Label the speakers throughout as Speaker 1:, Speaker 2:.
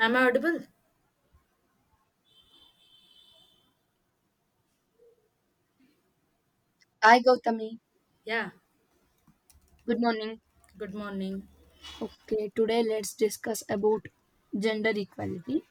Speaker 1: I'm audible.
Speaker 2: Hi Gautami,
Speaker 1: Yeah.
Speaker 2: good morning.
Speaker 1: Good morning.
Speaker 2: Okay, today let's discuss about gender equality.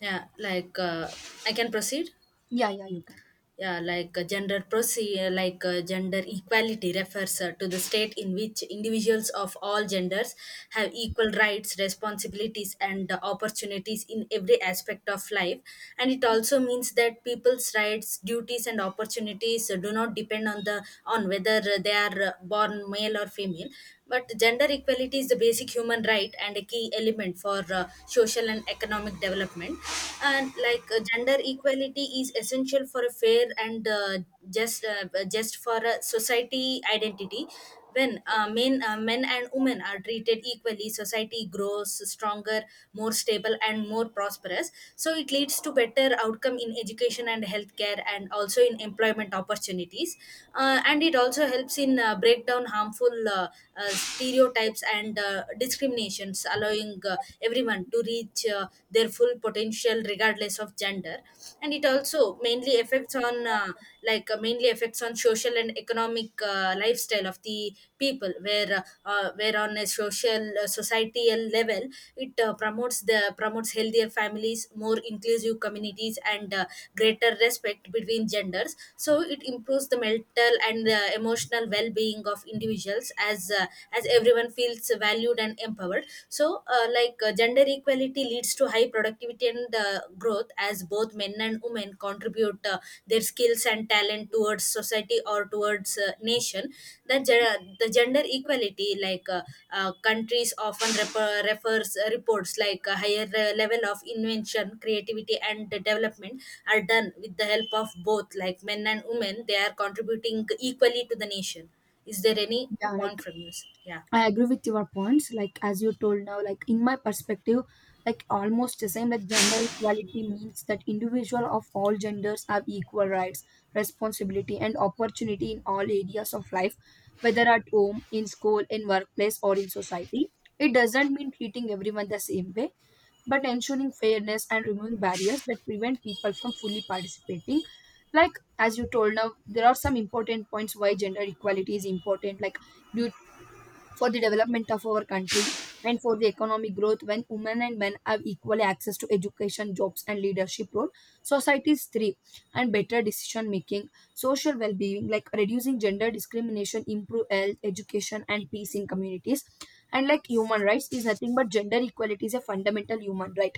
Speaker 1: Yeah, like uh, I can proceed.
Speaker 2: Yeah, yeah, you can.
Speaker 1: Yeah, like gender proceed, like Gender equality refers to the state in which individuals of all genders have equal rights, responsibilities, and opportunities in every aspect of life. And it also means that people's rights, duties, and opportunities do not depend on the on whether they are born male or female, but gender equality is the basic human right and a key element for social and economic development. And like Gender equality is essential for a fair and just uh, just for a society identity. When men and women are treated equally, society grows stronger, more stable, and more prosperous. So it leads to better outcome in education and healthcare, and also in employment opportunities. And it also helps in break down harmful stereotypes and discriminations, allowing everyone to reach their full potential regardless of gender. And it also mainly
Speaker 2: Yeah,
Speaker 1: affects on like mainly affects on social and economic lifestyle of the people, where on a social societal level it promotes the promotes healthier families, more inclusive communities, and greater respect between genders. So it improves the mental and emotional well-being of individuals as as everyone feels valued and empowered. Gender equality leads to high productivity and growth as both men and women contribute their skills and talent towards society or towards nation. The gender equality countries often refer, refers reports like a higher level of invention creativity and development are done with the help of both like men and women. They are contributing equally to the nation. Is there any point
Speaker 2: like
Speaker 1: from you? Yeah.
Speaker 2: I agree with your points. Like as you told now, like in my perspective, like almost the same. Like gender equality means that individual of all genders have equal rights, responsibility, and opportunity in all areas of life, whether at home, in school, in workplace, or in society. It doesn't mean treating everyone the same way but ensuring fairness and removing barriers that prevent people from fully participating. Like as you told now, there are some important points why gender equality is important, like due for the development of our country and for the economic growth, when women and men have equally access to education, jobs, and leadership role, societies thrive and better decision making. Social well-being, like reducing gender discrimination, improve health, education, and peace in communities. And like human rights is nothing but gender equality is a fundamental human right,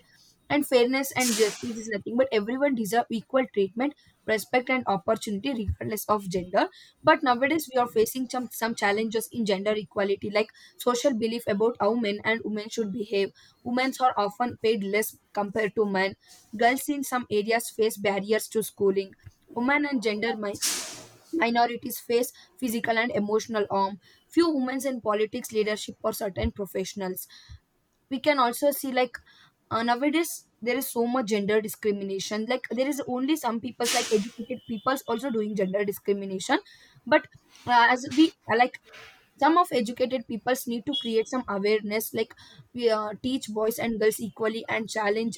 Speaker 2: and fairness and justice is nothing but everyone deserve equal treatment, respect, and opportunity regardless of gender. But nowadays we are facing some challenges in gender equality, like social belief about how men and women should behave, women are often paid less compared to men, girls in some areas face barriers to schooling, women and gender minorities face physical and emotional harm, few women in politics, leadership, or certain professionals. We can also see like, nowadays there is so much gender discrimination, like there is only some people's, like educated people's also doing gender discrimination. But as we like, some of educated peoples need to create some awareness, like we teach boys and girls equally and challenge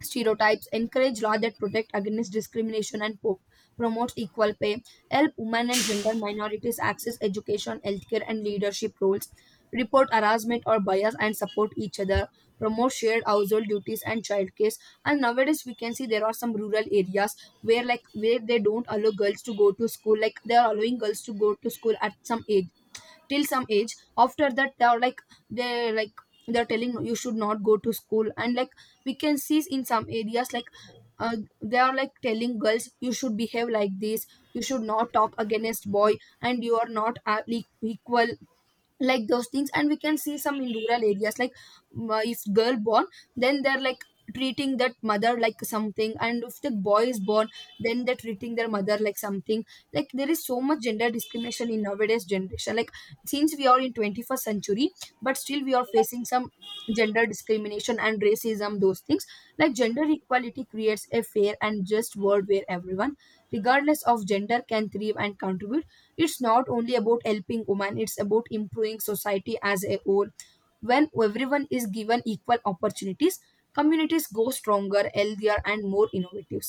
Speaker 2: stereotypes, encourage law that protect against discrimination and promotes equal pay, help women and gender minorities access education, healthcare, and leadership roles, report harassment or bias and support each other, promote shared household duties and child cares. And nowadays we can see there are some rural areas, where they don't allow girls to go to school, like they are allowing girls to go to school at some age, till some age after that they are like they like they're telling you should not go to school. And like we can see in some areas like, uh, they are like telling girls you should behave like this, you should not talk against boy, and you are not equal, like those things. And we can see some in rural areas like, if girl born, then they're like treating that mother like something. And if the boy is born, then they're treating their mother like something. Like there is so much gender discrimination in nowadays generation, like since we are in 21st century but still we are facing some gender discrimination and racism, those things. Like gender equality creates a fair and just world where everyone regardless of gender can thrive and contribute. It's not only about helping women, it's about improving society as a whole. When everyone is given equal opportunities, communities go stronger, healthier, and more innovative.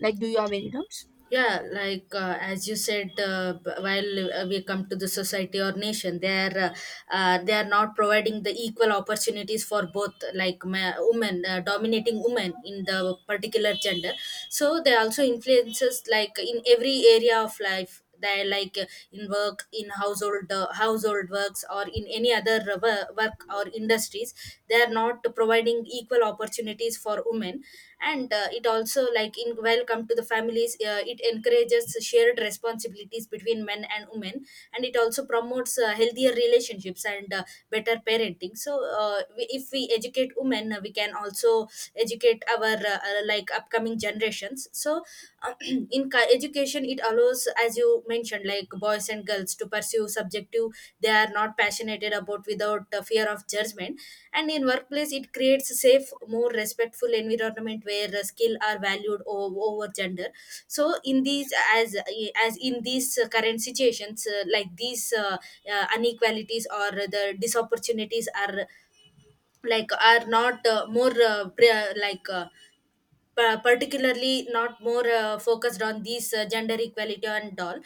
Speaker 2: Like, do you have any doubts?
Speaker 1: As you said, b- while we come to the society or nation. They are they are not providing the equal opportunities for both, women dominating women in the particular gender. So they also influences like in every area of life. They are like In work, in household works or in any other work or industries, they are not providing equal opportunities for women. And it also, like in welcome to the families, it encourages shared responsibilities between men and women. And it also promotes healthier relationships and better parenting. If we educate women, we can also educate our like upcoming generations. So in education, it allows, as you mentioned, like boys and girls to pursue subjective they are not passionate about without the fear of judgment. And in workplace, it creates a safe, more respectful environment where skill are valued over gender. So in these As in these current situations, like these inequalities or the disopportunities are like are not more pre- like pa- particularly not more focused on these gender equality and all.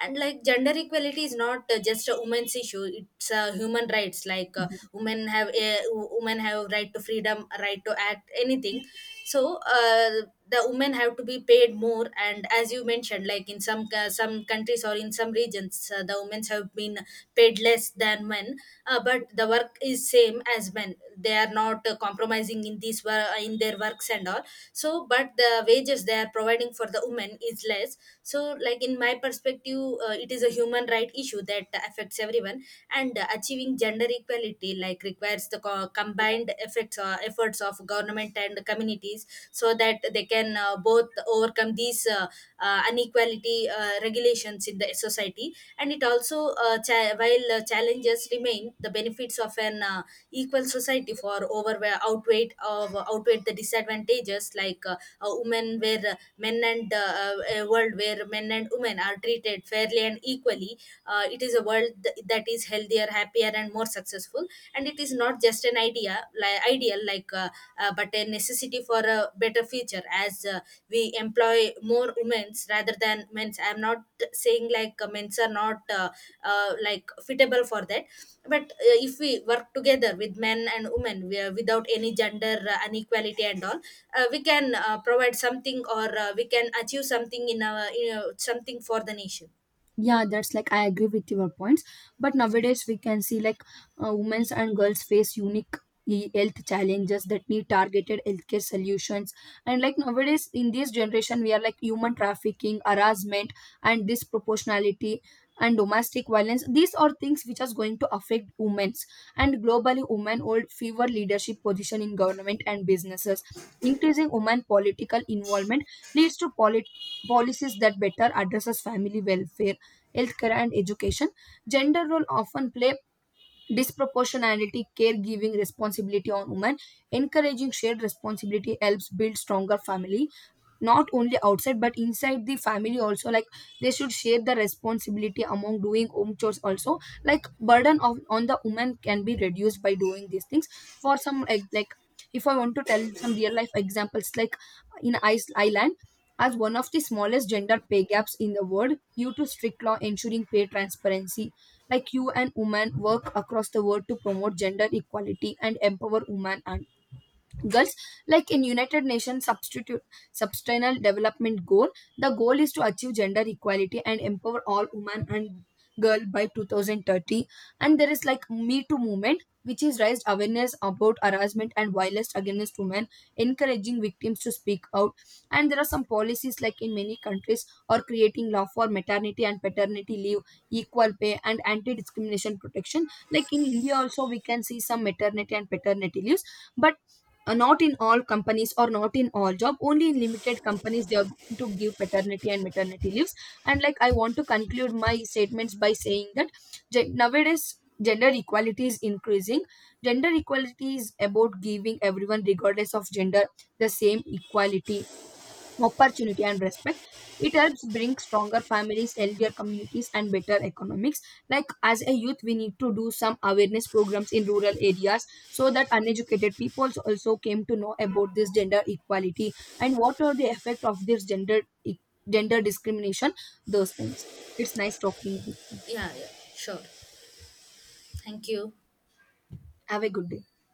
Speaker 1: And like gender equality is not just a women's issue, it's human rights. Women have right to freedom, right to act anything. so uh, the women have to be paid more, and as you mentioned, like in some countries or in some regions, the women have been paid less than men. But the work is same as men. They are not compromising in in their works and all. So but the wages they are providing for the women is less. So, like, in my perspective, it is a human right issue that affects everyone. And achieving gender equality like requires the combined effects, efforts of government and communities, so that they can both overcome these inequality regulations in the society. And it also, cha- while challenges remain, the benefits of an equal society for over outweighed of outweighed the disadvantages. Like a women where men and A world where men and women are treated fairly and equally, it is a world that is healthier, happier, and more successful. And it is not just an idea, like ideal, but a necessity for a better future. As we employ more women's rather than men's, I'm not saying men's are not like fitable for that. But if we work together with men and women, without any gender inequality and all, we can provide something, or we can achieve something in our, you know, something for the nation.
Speaker 2: Yeah, that's like I agree with your points. But nowadays we can see like, women and girls face unique health challenges that need targeted healthcare solutions. And like nowadays in this generation we are like human trafficking, harassment, and disproportionality, and domestic violence, these are things which are going to affect women's. And globally women hold fewer leadership position in government and businesses. Increasing women political involvement leads to policies that better addresses family welfare, healthcare, and education. Gender role often play disproportionality caregiving responsibility on women. Encouraging shared responsibility helps build stronger family, not only outside but inside the family also, like they should share the responsibility among doing home chores also. Like burden of on the woman can be reduced by doing these things. For some like, if I want to tell some real life examples, like in Ireland as one of the smallest gender pay gaps in the world due to strict law ensuring pay transparency. Like you and women work across the world to promote gender equality and empower women and girls. Like in United Nations substitute sustainable development goal, the goal is to achieve gender equality and empower all women and girl by 2030. And there is like Me Too movement which is raised awareness about harassment and violence against women, encouraging victims to speak out. And there are some policies like in many countries or creating law for maternity and paternity leave, equal pay, and anti discrimination protection. Like in India also we can see some maternity and paternity leaves, but not in all companies or not in all job, only in limited companies they are going to give paternity and maternity leaves. And like I want to conclude my statements by saying that, nowadays gender equality is increasing. Gender equality is about giving everyone regardless of gender the same equality, opportunity, and respect. It helps bring stronger families, healthier communities, and better economics. Like as a youth we need to do some awareness programs in rural areas so that uneducated people also came to know about this gender equality and what are the effect of this gender discrimination, those things. It's nice talking with you.
Speaker 1: Yeah, yeah, sure. Thank you.
Speaker 2: Have a good day.